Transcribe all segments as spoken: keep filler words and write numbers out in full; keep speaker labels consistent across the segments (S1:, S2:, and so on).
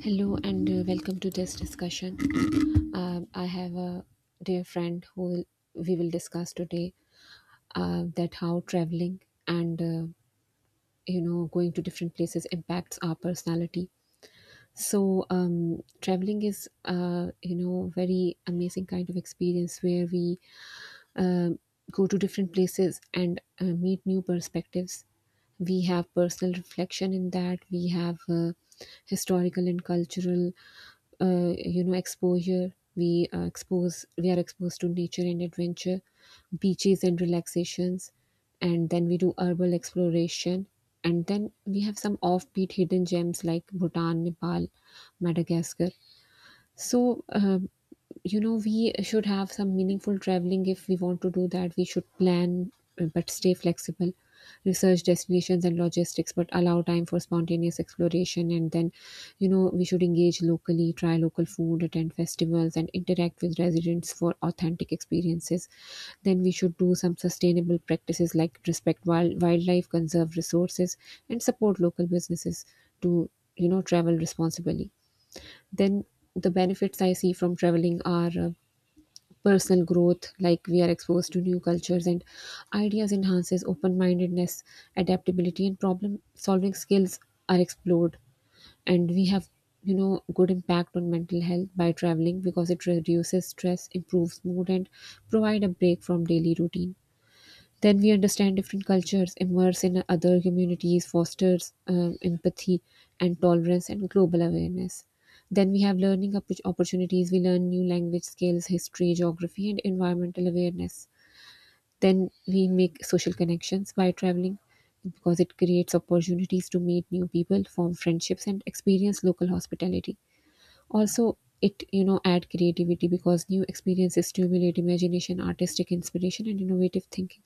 S1: Hello and uh, welcome to this discussion. Um, I have a dear friend who will, we will discuss today uh, that how traveling and uh, you know going to different places impacts our personality. So um, traveling is uh, you know very amazing kind of experience where we um, go to different places and uh, meet new perspectives. We have personal reflection in that. We have uh, historical and cultural, uh, you know, exposure. We uh, expose. We are exposed to nature and adventure, beaches and relaxations, and then we do herbal exploration. And then we have some offbeat hidden gems like Bhutan, Nepal, Madagascar. So um, you know we should have some meaningful traveling. If we want to do that we should plan uh, but stay flexible, research destinations and logistics but allow time for spontaneous exploration. And then you know we should engage locally, try local food, attend festivals, and interact with residents for authentic experiences. Then we should do some sustainable practices like respect wild, wildlife, conserve resources, and support local businesses to you know travel responsibly. Then the benefits I see from traveling are uh, personal growth. Like we are exposed to new cultures and ideas, enhances open-mindedness, adaptability, and problem solving skills are explored. And we have you know good impact on mental health by traveling because it reduces stress, improves mood, and provide a break from daily routine. Then we understand different cultures, immerse in other communities, fosters um, empathy and tolerance and global awareness. Then we have learning oppor- opportunities. We learn new language skills, history, geography, and environmental awareness. Then we make social connections by traveling because it creates opportunities to meet new people, form friendships, and experience local hospitality. Also, it you know add creativity because new experiences stimulate imagination, artistic inspiration, and innovative thinking.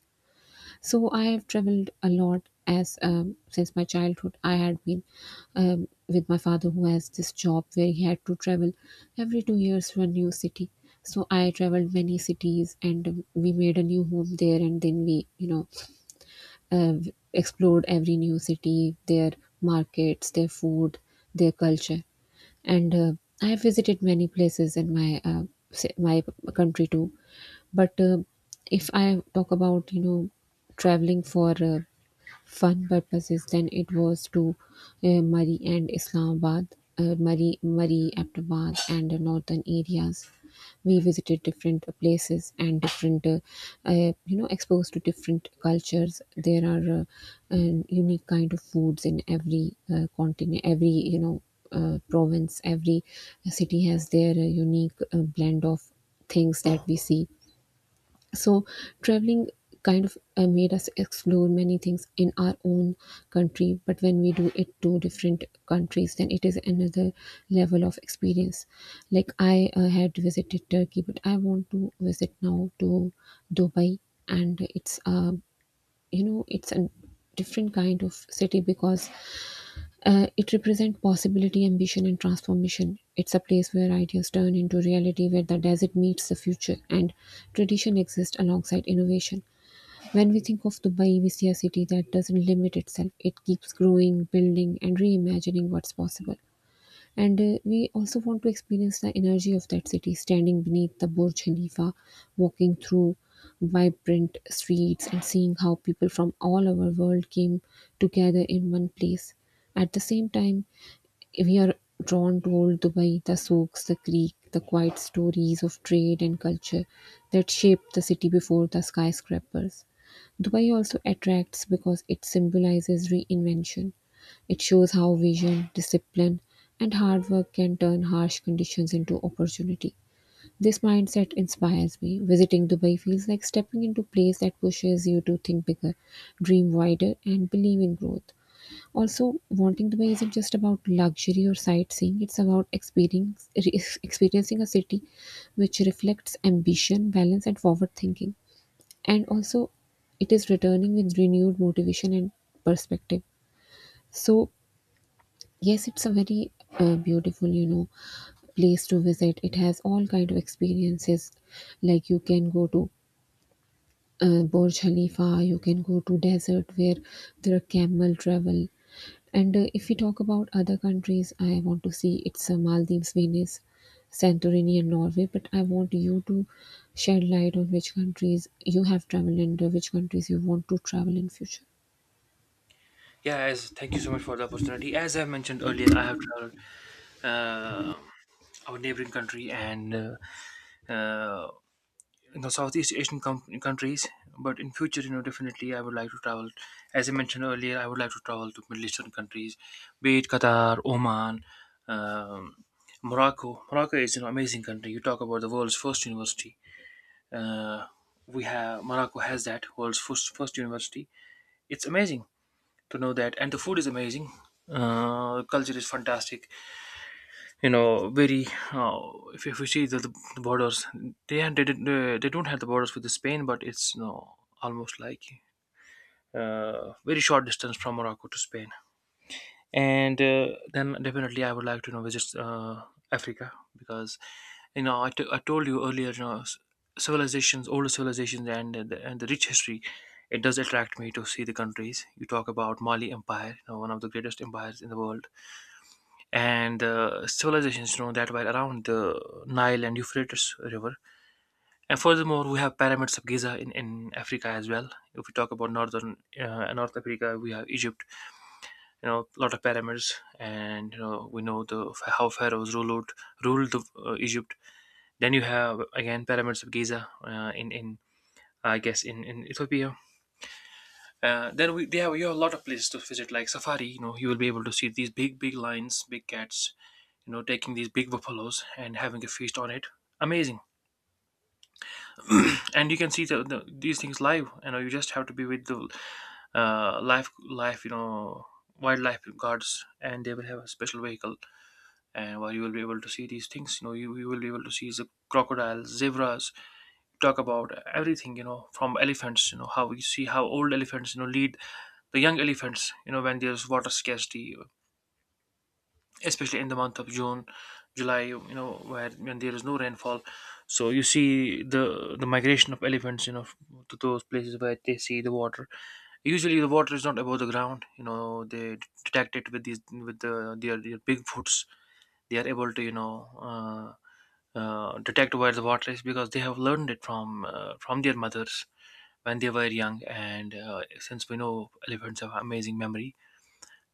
S1: So I have traveled a lot as um, since my childhood. I had been um, with my father who has this job where he had to travel every two years to a new city. So I traveled many cities and um, we made a new home there. And then we, you know, uh, explored every new city, their markets, their food, their culture. And uh, I have visited many places in my uh, ci- my country too. But uh, if I talk about, you know, traveling for uh, fun purposes, than it was to uh, Murray and Islamabad, uh, Murray, Murray, Abdabad, and the northern areas. We visited different places and different, uh, uh, you know, exposed to different cultures. There are uh, um, unique kind of foods in every uh, continent, every you know uh, province, every city has their uh, unique uh, blend of things that we see. So, traveling kind of uh, made us explore many things in our own country, but when we do it to different countries, then it is another level of experience. Like, I uh, had visited Turkey, but I want to visit now to Dubai, and it's, uh, you know, it's a different kind of city because uh, it represents possibility, ambition, and transformation. It's a place where ideas turn into reality, where the desert meets the future, and tradition exists alongside innovation. When we think of Dubai, we see a city that doesn't limit itself. It keeps growing, building, and reimagining what's possible. And uh, we also want to experience the energy of that city, standing beneath the Burj Khalifa, walking through vibrant streets, and seeing how people from all over the world came together in one place. At the same time, we are drawn to old Dubai, the souks, the creek, the quiet stories of trade and culture that shaped the city before the skyscrapers. Dubai also attracts because it symbolizes reinvention. It shows how vision, discipline, and hard work can turn harsh conditions into opportunity. This mindset inspires me. Visiting Dubai feels like stepping into a place that pushes you to think bigger, dream wider, and believe in growth. Also, wanting Dubai isn't just about luxury or sightseeing, it's about experience, re- experiencing a city which reflects ambition, balance, and forward thinking. And also, it is returning with renewed motivation and perspective. So, yes, it's a very uh, beautiful, you know, place to visit. It has all kind of experiences, like you can go to uh, Burj Khalifa, you can go to desert where there are camel travel. And uh, if we talk about other countries, I want to see it's uh, Maldives, Venice, Santorini, and Norway. But I want you to shed light on which countries you have traveled and uh, which countries you want to travel in future.
S2: Yeah, as thank you so much for the opportunity. As I mentioned earlier, I have traveled uh, our neighboring country, and uh, uh, in the Southeast Asian com- countries. But in future, you know, definitely I would like to travel. As I mentioned earlier, I would like to travel to Middle Eastern countries, be it Qatar, Oman, um, Morocco. Morocco is an amazing country. You talk about the world's first university. Uh, we have Morocco has that world's first first university. It's amazing to know that, and the food is amazing, uh culture is fantastic, you know very, uh, if, if we see the, the borders. They had- they, didn't, uh, they don't have the borders with the spain, but it's, you know almost like, uh very short distance from Morocco to Spain. And uh, then definitely I would like to, you know visit, uh, Africa, because, you know I, t- I told you earlier, you know s- civilizations, older civilizations, and the, and the rich history. It does attract me to see the countries. You talk about Mali Empire, you know one of the greatest empires in the world. And uh, civilizations, you know that were around the Nile and Euphrates River. And furthermore, we have Pyramids of Giza in, in Africa as well. If we talk about northern, uh, north Africa, we have Egypt. You know lot of pyramids, and you know we know the how pharaohs ruled out, ruled the, uh, Egypt. Then you have again Pyramids of Giza, uh, in in I guess, in in Ethiopia. Uh, then we they have you have a lot of places to visit, like safari. You know you will be able to see these big big lions, big cats, you know taking these big buffaloes and having a feast on it. Amazing. And you can see the, the, these things live. You know you just have to be with the, uh, life life you know wildlife guards, and they will have a special vehicle, and where you will be able to see these things. you know you, you will be able to see the crocodiles, zebras. Talk about everything, you know from elephants, you know how we see how old elephants, you know lead the young elephants, you know when there's water scarcity, especially in the month of June, July, you know where when there is no rainfall. So you see the the migration of elephants, you know to those places where they see the water. Usually the water is not above the ground. You know they detect it with these, with the, their, their big foots. They are able to, you know, uh, uh, detect where the water is, because they have learned it from uh, from their mothers when they were young. And uh, since we know elephants have amazing memory,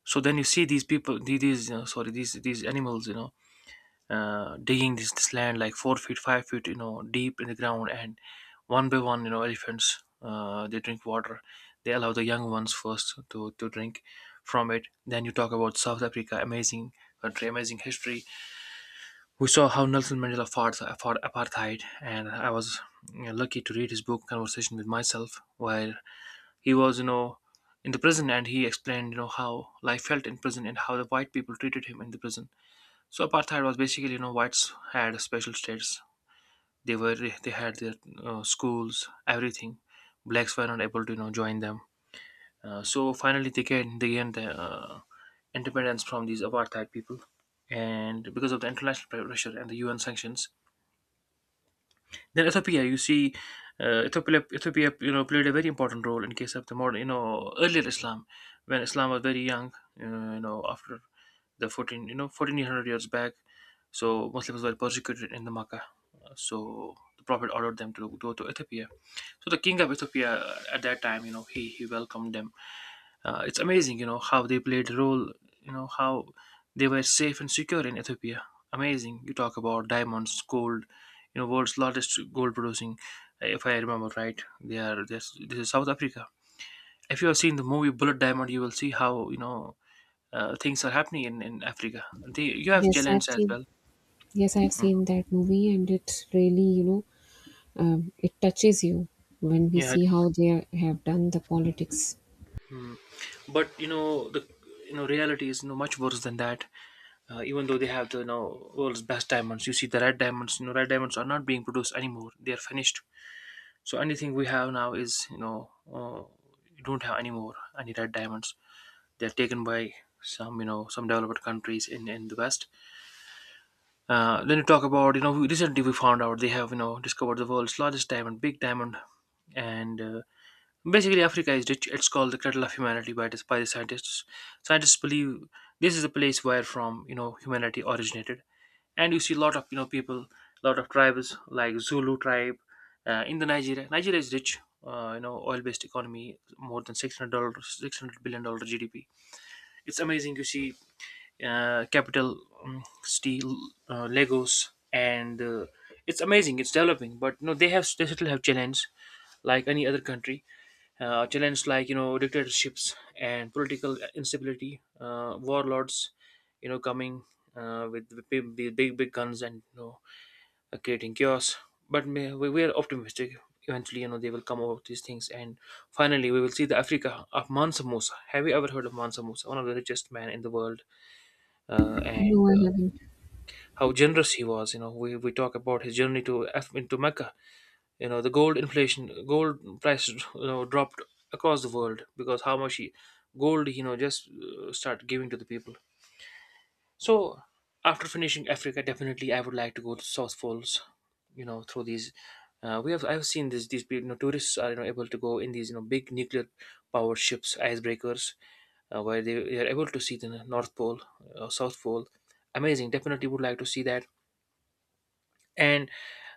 S2: so then you see these people, the- these uh, sorry, these these animals, you know, uh, digging this this land like four feet, five feet, you know, deep in the ground, and one by one, you know, elephants, uh, they drink water. They allow the young ones first to to drink from it. Then you talk about South Africa, amazing country, amazing history. We saw how Nelson Mandela fought the- for apartheid, and I was, you know, lucky to read his book, "Conversation with Myself," where he was, you know, in the prison, and he explained, you know, how life felt in prison, and how the white people treated him in the prison. So apartheid was basically, you know, whites had special status. They were they had their, uh, schools, everything. Blacks were not able to, you know, join them. Uh, so finally, they gained, they gained the, uh, independence from these apartheid people, and because of the international pressure and the U N sanctions. Then Ethiopia, you see, uh, Ethiopia, Ethiopia, you know, played a very important role in case of the modern, you know, earlier Islam, when Islam was very young, uh, you know, after the fourteen, you know, fourteen hundred years back. So Muslims were persecuted in the Makkah. So the Prophet ordered them to go to Ethiopia. So the king of Ethiopia, uh, at that time, you know, he, he welcomed them. Uh, it's amazing, you know, how they played a role, you know, how they were safe and secure in Ethiopia. Amazing. You talk about diamonds, gold, you know, world's largest gold producing, if I remember right. They are, this this is South Africa. If you have seen the movie Bullet Diamond, you will see how, you know, uh, things are happening in, in Africa. They, you have
S1: Yes, I've
S2: challenges as
S1: seen.
S2: well.
S1: Yes, I've
S2: Mm.
S1: seen that movie, and it's really you know um, it touches you when we
S2: You had,
S1: see how they have done the politics.
S2: mm. But, you know, the, you know reality is, you know, much worse than that. Uh, even though they have the, you know world's best diamonds, you see the red diamonds you know red diamonds are not being produced anymore. They are finished. So anything we have now is, you know uh, you don't have any more, any red diamonds. They're taken by some you know some developed countries in in the West. Uh, then you talk about, you know we- recently we found out they have, you know discovered the world's largest diamond, big diamond. And uh, basically, Africa is rich. It's called the cradle of humanity by the, by the scientists. Scientists believe this is the place where from, you know humanity originated. And you see a lot of, you know people, a lot of tribes like Zulu tribe. Uh, in the nigeria Nigeria is rich. Uh, you know oil based economy, more than six hundred dollars, six hundred billion dollar GDP. It's amazing. You see, uh, capital, um, steel, uh, Legos, and uh, it's amazing. It's developing, but no, they have they still have challenge like any other country. Uh, challenge like, you know dictatorships and political instability, uh, warlords, you know coming, uh, with the big, big big guns, and, you know uh, creating chaos. But may- we we are optimistic. Eventually, you know, they will come over with these things, and finally, we will see the Africa of Mansa Musa. Have you ever heard of Mansa Musa, one of the richest man in the world, uh, and
S1: No, I haven't.
S2: how generous he was? You know, we, we talk about his journey to Af- into Mecca. You know, the gold inflation, gold prices, you know, dropped across the world, because how much he, gold, you know, just uh, start giving to the people. So after finishing Africa, definitely I would like to go to South Poles. You know, through these, uh, we have I've seen this. These, you know, tourists are, you know, able to go in these, you know big nuclear powered ships, icebreakers, uh, where they, they are able to see the North Pole, uh, South Pole. Amazing. Definitely would like to see that, and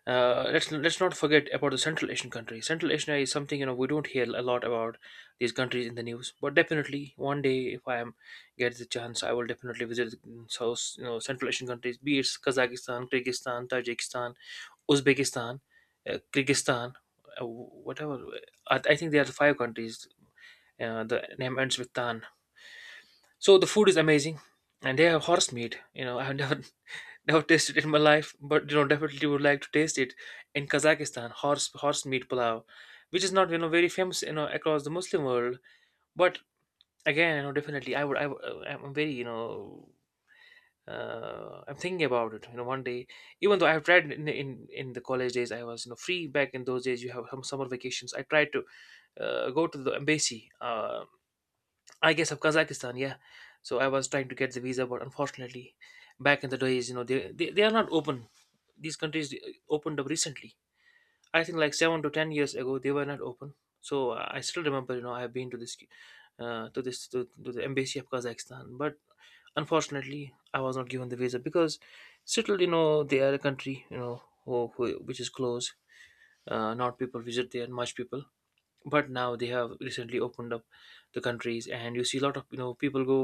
S2: uh, let's let's not forget about the Central Asian countries. Central Asia is something, you know we don't hear a lot about these countries in the news, but definitely one day, if I am, get the chance, I will definitely visit, mm, South, you know Central Asian countries, be it Kazakhstan, Kyrgyzstan, Tajikistan, Uzbekistan, uh, Kyrgyzstan, uh, whatever. I, I think there are five countries. Uh, the name ends with Tan. So the food is amazing, and they have horse meat. You know, I've never Never tasted it in my life, but, you know, definitely would like to taste it in Kazakhstan, horse horse meat pulao, which is not, you know very famous, you know across the Muslim world. But again, you know, definitely, I would I would, uh, I'm very you know uh, I'm thinking about it. You know, one day, even though I've tried in, in in the college days. I was, you know free back in those days. You have some summer vacations. I tried to, uh, go to the embassy, uh, I guess, of Kazakhstan, yeah. So I was trying to get the visa, but unfortunately, back in the days, you know, they, they, they are not open, these countries, uh, opened up recently. I think like seven to ten years ago, they were not open. So uh, I still remember, you know, I have been to this, uh, to this to, to the embassy of Kazakhstan, but unfortunately I was not given the visa, because still, you know, they are a country, you know, who, who which is closed. Uh, not people visit there, much people. But now they have recently opened up the countries, and you see a lot of, you know people go,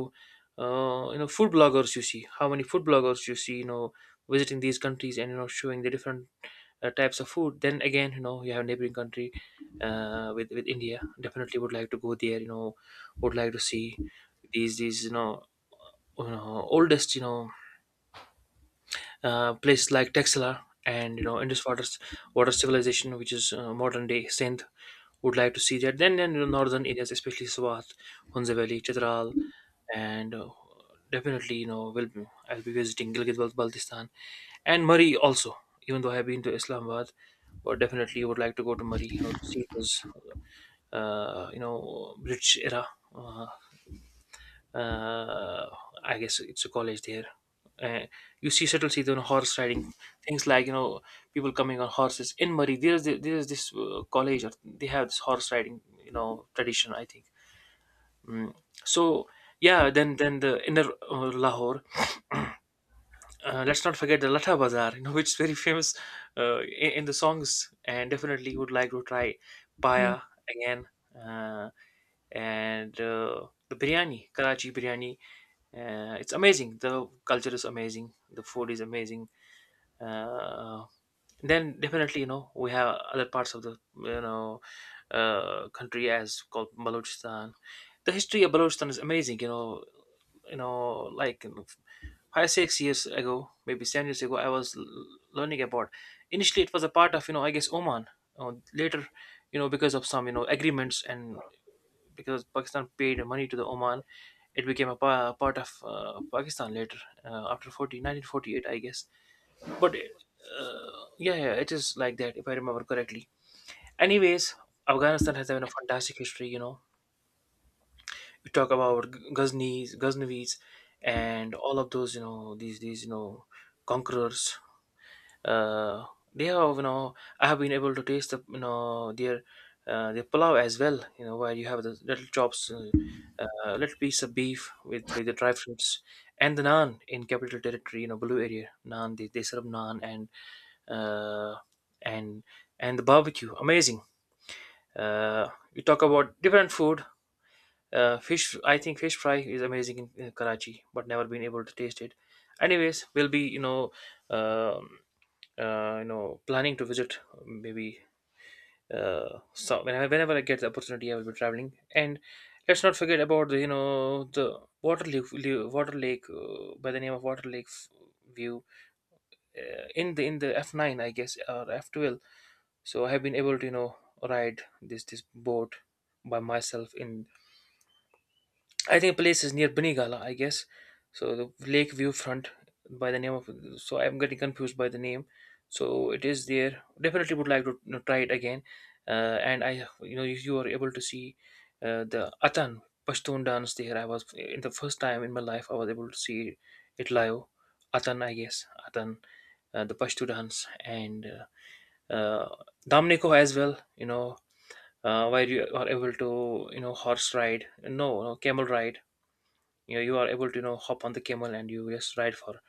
S2: uh, you know, food bloggers. You see how many food bloggers you see, you know, visiting these countries and you know showing the different uh, types of food. Then again, you know you have neighboring country uh, with with India. Definitely would like to go there, you know would like to see these these you know uh, you know oldest, you know uh, place like Texela and you know Indus water water civilization, which is uh, modern day Sindh. Would like to see that. Then then the northern areas, especially Swat, Hunza Valley, Chitral, and uh, definitely you know will be- I'll be visiting Gilgit Baltistan and Murray also. Even though I have been to Islamabad, but definitely would like to go to Murray, you know, to see this, uh, you know, British era. Uh, uh, I guess it's a college there. Uh, you see, settle see the horse riding things, like you know people coming on horses in Murray. There's the, there's this uh, college, or they have this horse riding, you know tradition, I think. Mm. So yeah, then then the inner uh, Lahore, uh, let's not forget the Latta Bazaar, you know, which is very famous uh, in, in the songs, and definitely would like to try
S1: Yeah.
S2: paya again, uh, and uh, the biryani, Karachi biryani. Uh, it's amazing. The culture is amazing. The food is amazing. uh, then definitely you know we have other parts of the, you know uh, country as called Balochistan. The history of Balochistan is amazing. You know, you know, like you know, five six years ago, maybe seven years ago, I was l- learning about. Initially, it was a part of, you know I guess, Oman. Uh, later, you know, because of some, you know agreements, and because Pakistan paid money to the Oman, it became a pa- part of uh, Pakistan later, uh, after forty, nineteen forty-eight, I guess. But uh, yeah, yeah, it is like that, if I remember correctly. Anyways, Afghanistan has been a fantastic history. You know, we talk about G- Ghaznavis, Ghaznavis, and all of those. You know, these these you know conquerors, uh, they have, you know I have been able to taste the, you know their uh, their pulao as well, you know, where you have the little chops, uh, uh, little piece of beef with with the dry fruits and the naan, in capital territory, you know, Blue Area naan. They, they serve naan and uh, and and the barbecue, amazing. Uh, you talk about different food. Uh, fish, I think fish fry is amazing in, in Karachi, but never been able to taste it. Anyways, we'll be, you know um uh, you know planning to visit maybe, uh, so whenever, whenever I get the opportunity, I will be traveling. And let's not forget about the, you know the water lake, water lake uh, by the name of Water Lake F- View, uh, in the, in the F nine I guess, or F twelve. So I have been able to, you know ride this this boat by myself in, I think place is near Binigala, I guess. So the lake view front by the name of. So I'm getting confused by the name. So it is there. Definitely would like to, you know, try it again. Uh, and I, you know, if you are able to see uh, the Atan Pashtun dance there. I was in the first time in my life I was able to see it live. Atan, I guess, Atan, uh, the Pashto dance, and uh, uh, Damneko as well. You know, uh, where you are able to, you know, horse ride. No, no, camel ride. You know you are able to, you know hop on the camel, and you just ride for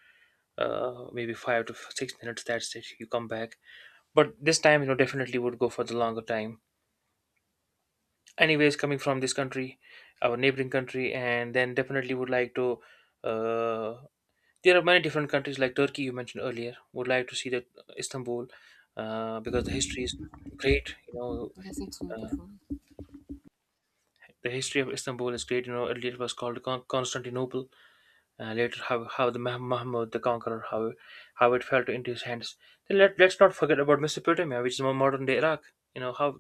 S2: uh, maybe five to six minutes. That's it, you come back. But this time, you know definitely would go for the longer time. Anyways, coming from this country, our neighboring country, and then definitely would like to, uh, there are many different countries like Turkey, you mentioned earlier, would like to see that. Istanbul, uh, because the history is great, you know.
S1: Yes, it's
S2: uh,
S1: beautiful.
S2: the history of Istanbul is great. You know earlier it was called Con- Constantinople. Uh, later, how, how the Mah- Mahmud the Conqueror, how, how it fell into his hands. Then let, let's not forget about Mesopotamia, which is more modern day Iraq. You know, how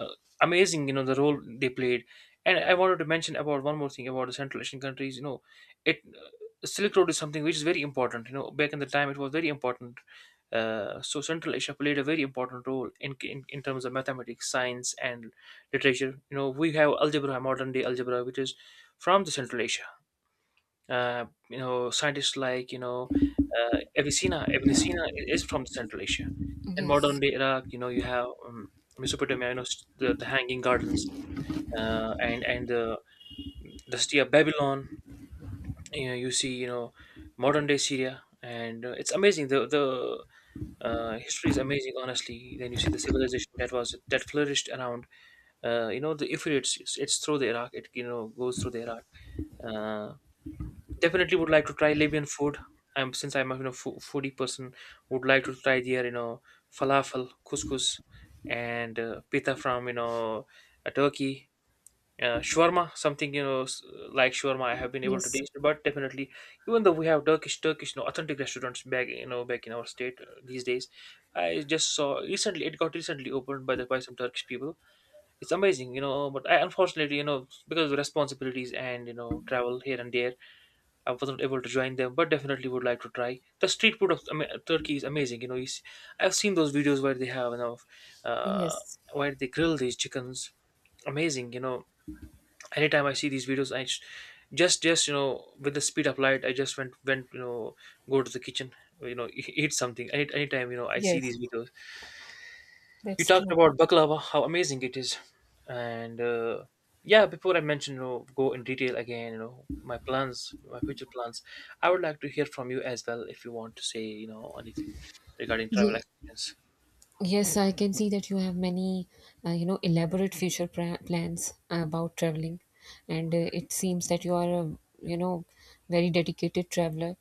S2: uh, amazing, you know, the role they played. And I wanted to mention about one more thing about the Central Asian countries. You know, it uh, Silk Road is something which is very important. You know, back in the time, it was very important. Uh, so Central Asia played a very important role in, in in terms of mathematics, science, and literature. You know, we have algebra, modern day algebra, which is from the Central Asia. Uh, you know, scientists like, you know uh, Avicenna. Avicenna i- is from Central Asia. In modern
S1: Yes,
S2: day Iraq, you know, you have um, Mesopotamia, you know, s- the, the Hanging Gardens, uh, and and the the city of Babylon. You know, you see, you know, modern day Syria, and uh, it's amazing. The the uh, history is amazing, honestly. Then you see the civilization that was that flourished around. Uh, you know, the Euphrates. It's, it's through the Iraq. It, you know goes through the Iraq. Uh, Definitely would like to try Libyan food. I'm, since I'm a, you know fo- foodie person, would like to try their, you know falafel, couscous, and uh, pita from, you know uh, Turkey. Uh, shawarma, something, you know s- like shawarma, I have been able to
S1: yes,
S2: taste, but definitely, even though we have Turkish, Turkish, you know, authentic restaurants back, you know, back in our state uh, these days, I just saw recently it got recently opened by the, by some Turkish people. It's amazing, you know, but I, unfortunately, you know, because of responsibilities and, you know travel here and there, I wasn't able to join them, but definitely would like to try. The street food of, I mean, Turkey, is amazing. You know, you see, I've seen those videos where they have, you know, uh,
S1: yes,
S2: where they grill these chickens. Amazing. You know, anytime I see these videos, I sh- just, just you know, with the speed of light, I just went, went, you know, go to the kitchen, you know, eat something. Any, anytime, you know, I see
S1: yes,
S2: these videos, you
S1: that's
S2: talked
S1: true.
S2: about baklava, how amazing it is, and uh, yeah. Before I mention, you know, go in detail again, you know, my plans, my future plans. I would like to hear from you as well, if you want to say, you know, anything regarding travel
S1: Ye-
S2: experience.
S1: yes, I can see that you have many, uh, you know, elaborate future pra- plans about traveling, and uh, it seems that you are a, you know, very dedicated traveler.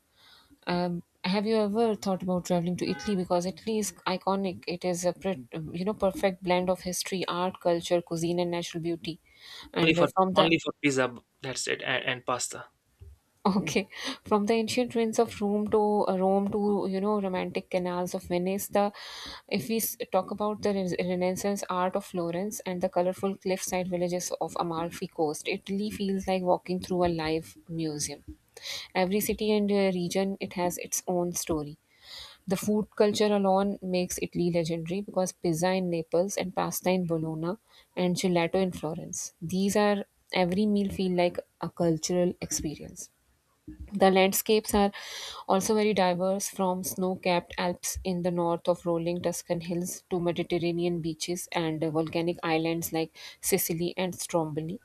S1: Um, have you ever thought about traveling to Italy? Because Italy is iconic. It is a, pret- you know, perfect blend of history, art, culture, cuisine, and natural beauty.
S2: Only
S1: And uh,
S2: for,
S1: from the
S2: only for pizza, that's it, and, and pasta.
S1: Okay, from the ancient ruins of Rome to uh, Rome to you know romantic canals of Venice, the if we s- talk about the res- Renaissance art of Florence and the colorful cliffside villages of Amalfi Coast. It really feels like walking through a live museum. Every city and uh, region, it has its own story. The food culture alone makes Italy legendary because pizza in Naples and pasta in Bologna and gelato in Florence. These are every meal feel like a cultural experience. The landscapes are also very diverse, from snow capped Alps in the north of rolling Tuscan hills to Mediterranean beaches and uh, volcanic islands like Sicily and Stromboli.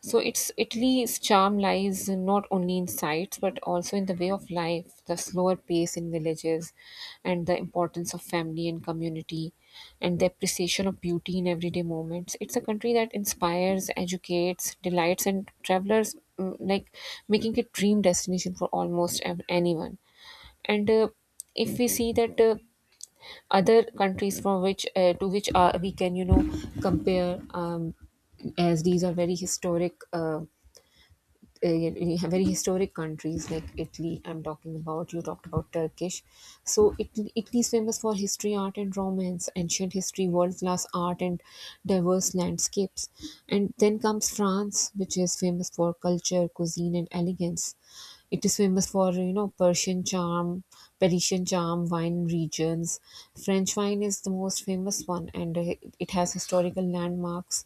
S1: So it's Italy's charm lies not only in sights but also in the way of life, the slower pace in villages, and the importance of family and community, and the appreciation of beauty in everyday moments. It's a country that inspires, educates, delights, and travelers mm, like making it dream destination for almost ev- anyone. And uh, if we see that uh, other countries from which uh, to which uh, we can you know compare um, as these are very historic. Uh, uh, you know, very historic countries like Italy. I'm talking about. You talked about Turkish. So Italy, Italy is famous for history, art, and romance, ancient history, world class art, and diverse landscapes. And then comes France, which is famous for culture, cuisine, and elegance. It is famous for you know Persian charm, Parisian charm, wine regions. French wine is the most famous one, and uh, it has historical landmarks.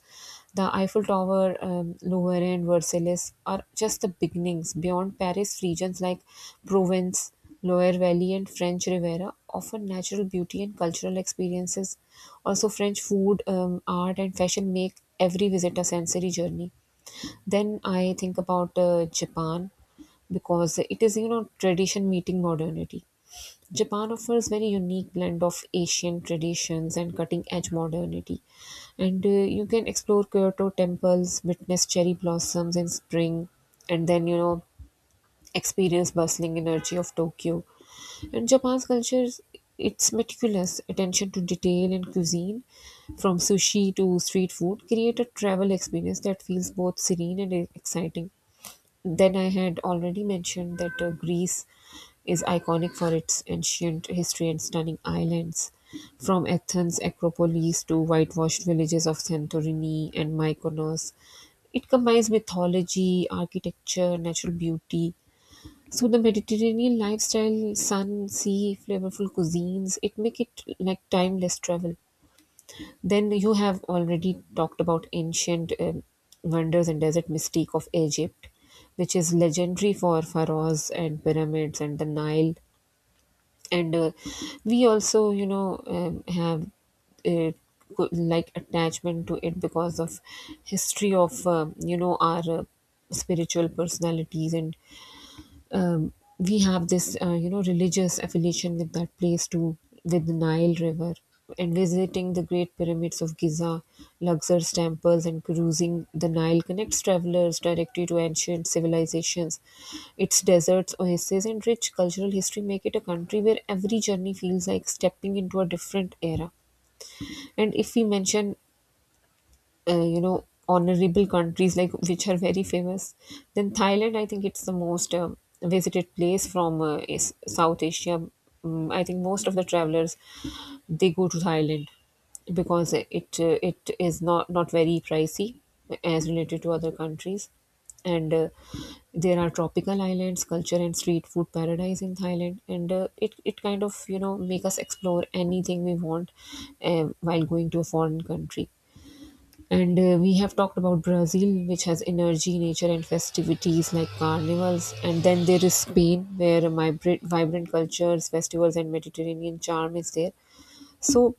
S1: The Eiffel Tower, um, Louvre, and Versailles are just the beginnings. Beyond Paris, regions like Provence, Loire Valley, and French Riviera offer natural beauty and cultural experiences. Also, French food, um, art, and fashion make every visit a sensory journey. Then I think about uh, Japan because it is you know tradition meeting modernity. Japan offers very unique blend of Asian traditions and cutting edge modernity, and uh, you can explore Kyoto temples, witness cherry blossoms in spring, and then you know experience bustling energy of Tokyo. And Japan's culture is- it's meticulous attention to detail and cuisine, from sushi to street food, create a travel experience that feels both serene and exciting. Then I had already mentioned that uh, Greece is iconic for its ancient history and stunning islands, from Athens Acropolis to whitewashed villages of Santorini and Mykonos. It combines mythology, architecture, natural beauty. So the Mediterranean lifestyle, sun, sea, flavorful cuisines, it make it like timeless travel. Then you have already talked about ancient um, wonders and desert mystique of Egypt, which is legendary for pharaohs and pyramids and the Nile. And uh, We also, you know, um, have uh, co- like attachment to it because of history of um, you know our uh, spiritual personalities and um, we have this uh, you know religious affiliation with that place too, with the Nile River. And visiting the great pyramids of Giza, Luxor's temples, and cruising the Nile connects travelers directly to ancient civilizations. Its deserts, oases, and rich cultural history make it a country where every journey feels like stepping into a different era. And if we mention uh, you know honorable countries like which are very famous, then Thailand, I think it's the most um, visited place from uh, is South Asia. Mm, I think most of the travelers, they go to Thailand because it uh, it is not not very pricey as related to other countries. And uh, There are tropical islands, culture, and street food paradise in Thailand, and uh, it, it kind of you know make us explore anything we want um, while going to a foreign country. And uh, We have talked about Brazil, which has energy, nature, and festivities like carnivals. And then there is Spain, where my vibrant cultures, festivals, and Mediterranean charm is there. So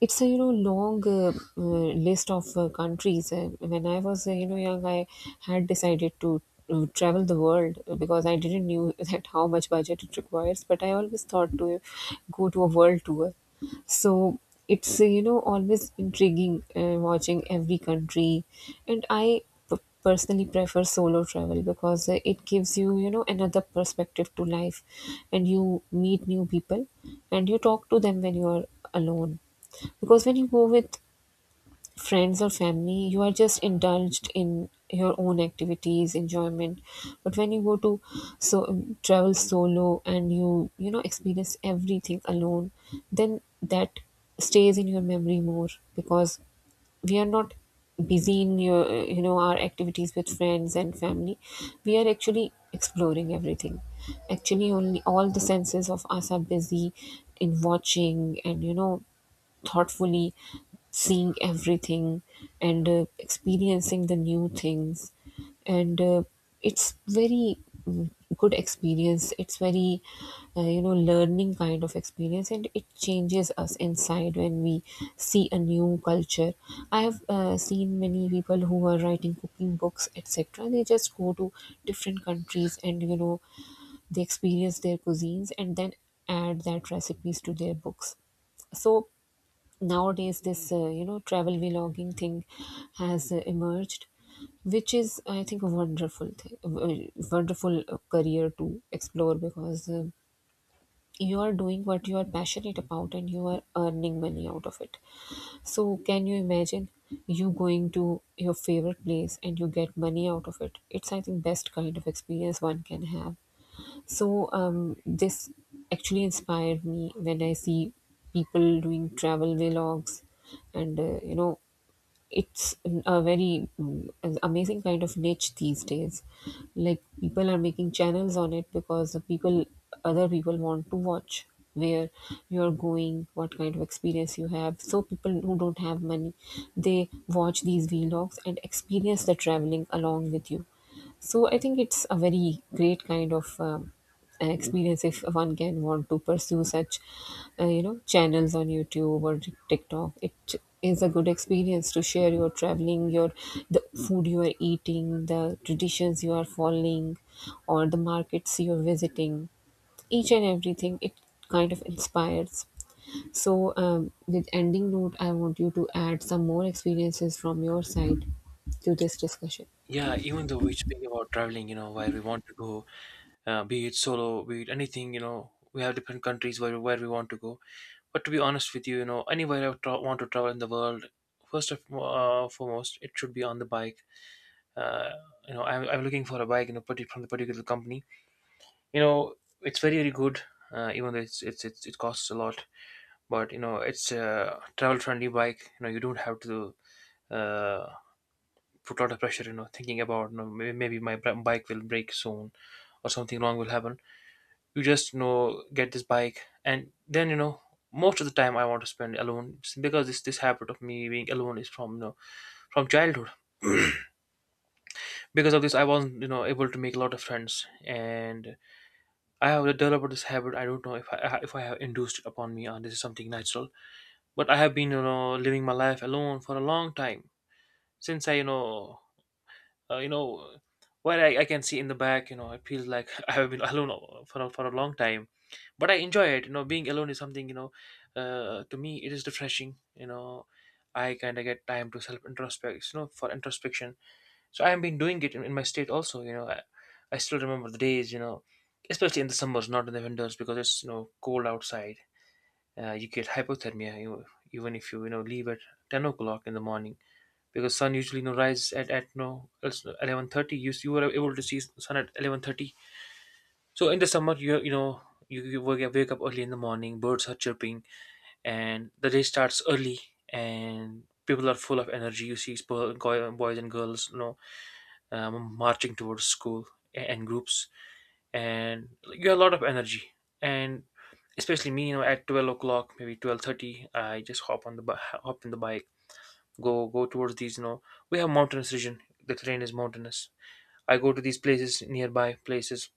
S1: it's a you know long uh, uh, list of uh, countries. Uh, when I was uh, you know young, I had decided to uh, travel the world uh, because I didn't knew that how much budget it requires, but I always thought to go to a world tour. So it's uh, you know always intriguing uh, watching every country. And i p- personally prefer solo travel because uh, it gives you you know another perspective to life. And you meet new people and you talk to them when you are alone, because when you go with friends or family, you are just indulged in your own activities, enjoyment. But when you go to, so um, travel solo and you you know experience everything alone, then that stays in your memory more, because we are not busy in your you know our activities with friends and family. We are actually exploring everything. Actually, only all the senses of us are busy in watching and you know thoughtfully seeing everything and uh, experiencing the new things. And uh, It's very, mm, good experience. It's very uh, you know learning kind of experience, and it changes us inside when we see a new culture. I have uh, seen many people who are writing cooking books, etc. They just go to different countries and you know they experience their cuisines and then add that recipes to their books. So nowadays this uh, you know travel vlogging thing has uh, emerged, which is I think a wonderful thing, a w- wonderful uh, career to explore, because uh, you are doing what you are passionate about and you are earning money out of it. So can you imagine you going to your favorite place and you get money out of it? It's I think best kind of experience one can have. So um, this actually inspired me when I see people doing travel vlogs, and uh, you know, it's a very, mm, an amazing kind of niche these days. Like people are making channels on it because the people, other people want to watch where you're going, what kind of experience you have. So people who don't have money, they watch these vlogs and experience the traveling along with you. So I think it's a very great kind of. Um, uh, experience if one can want to pursue such uh, you know channels on YouTube or TikTok. It is a good experience to share your traveling, your the food you are eating, the traditions you are following, or the markets you are visiting. Each and everything, it kind of inspires. So um, with ending note I want you to add some more experiences from your side to this discussion.
S2: Yeah, even though we speak about traveling, you know, where we want to go, uh, be it solo, be it anything, you know, we have different countries where where we want to go. But to be honest with you, you know, anywhere I tra- want to travel in the world, first of uh, foremost, it should be on the bike. Uh, you know, I'm, I'm looking for a bike, you know, parti- from the particular company. You know, it's very very good, uh, even though it's, it's it's it costs a lot. But you know, it's a travel friendly bike. You know, you don't have to uh, put a lot of pressure. You know, thinking about, you know, maybe, maybe my b- bike will break soon, or something wrong will happen. You just, you know, get this bike, and then, you know, most of the time I want to spend alone. It's because this this habit of me being alone is from, you know, from childhood. Because of this, I wasn't, you know, able to make a lot of friends, and I have developed this habit. I don't know if I, if i have induced it upon me, or this is something natural. But I have been, you know, living my life alone for a long time. Since I, you know, uh, you know while I, I can see in the back, you know, it feels like I have been alone for a, for a long time. But I enjoy it. You know, being alone is something, you know, uh, to me, it is refreshing. You know, I kind of get time to self introspect, you know, for introspection. So I have been doing it in, in my state also. You know, I, I still remember the days, you know, especially in the summers, not in the winters, because it's, you know, cold outside. Uh, you get hypothermia, you know, even if you, you know, leave at ten o'clock in the morning, because sun usually, you know, rises at at no eleven thirty. you you were able to see sun at eleven thirty. So in the summer, you you know, you, you wake wake up early in the morning. Birds are chirping, and the day starts early, and people are full of energy. You see, spo- go- boys and girls, you know, um, marching towards school a- and groups, and you have a lot of energy. And especially me, you know, at twelve o'clock, maybe twelve thirty, I just hop on the bi- hop in the bike, go go towards these. You know, we have mountainous region. The terrain is mountainous. I go to these places, nearby places,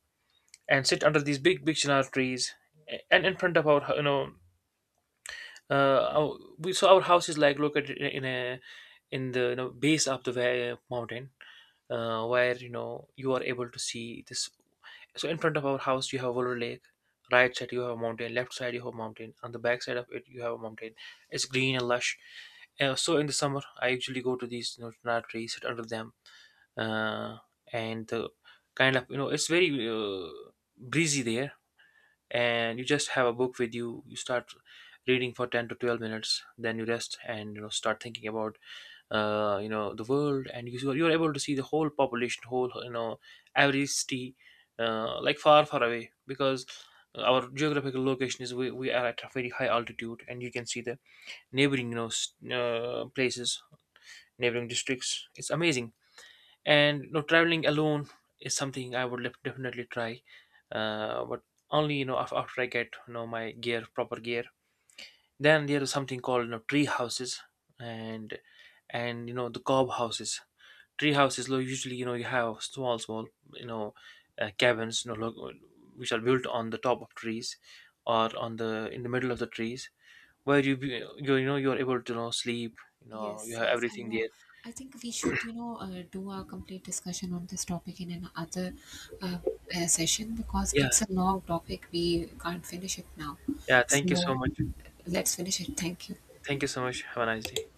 S2: and sit under these big big chinar trees, and in front of our, you know, uh, our, we so our house is like located in in a in the, you know, base of the wa- mountain. Uh, where, you know, you are able to see this. So in front of our house, you have Wolver Lake. Right side you have a mountain, left side you have a mountain, on the back side of it you have a mountain. It's green and lush. Uh, so in the summer, I usually go to these, you know, chinar trees, sit under them, uh, and uh, kind of, you know, it's very uh, breezy there. And you just have a book with you. You start reading for ten to twelve minutes, then you rest and, you know, start thinking about, uh you know, the world. And you, you're able to see the whole population, whole, you know, every city, uh, like far far away, because our geographical location is, we, we are at a very high altitude, and you can see the neighboring, you know, s- uh, places, neighboring districts. It's amazing. And you know, traveling alone is something I would lef- definitely try. Uh, but only, you know, af- after I get, you know, my gear, proper gear. Then there is something called, you know, tree houses, and, and you know, the cob houses. Tree houses lo- usually, you know, you have small small, you know, uh, cabins, you know, lo- which are built on the top of trees, or on the, in the middle of the trees, where you be, you, you know, you're able to, you know, sleep. You know, you
S1: Yes,
S2: have
S1: yes, I
S2: everything
S1: know.
S2: there.
S1: I think we should, you know, uh, do a complete discussion on this topic in another uh, uh, session, because
S2: Yeah,
S1: it's a long topic. We can't finish it now.
S2: yeah, thank you so
S1: So
S2: much.
S1: let's finish it. Thank you.
S2: Thank you so much, have a nice day.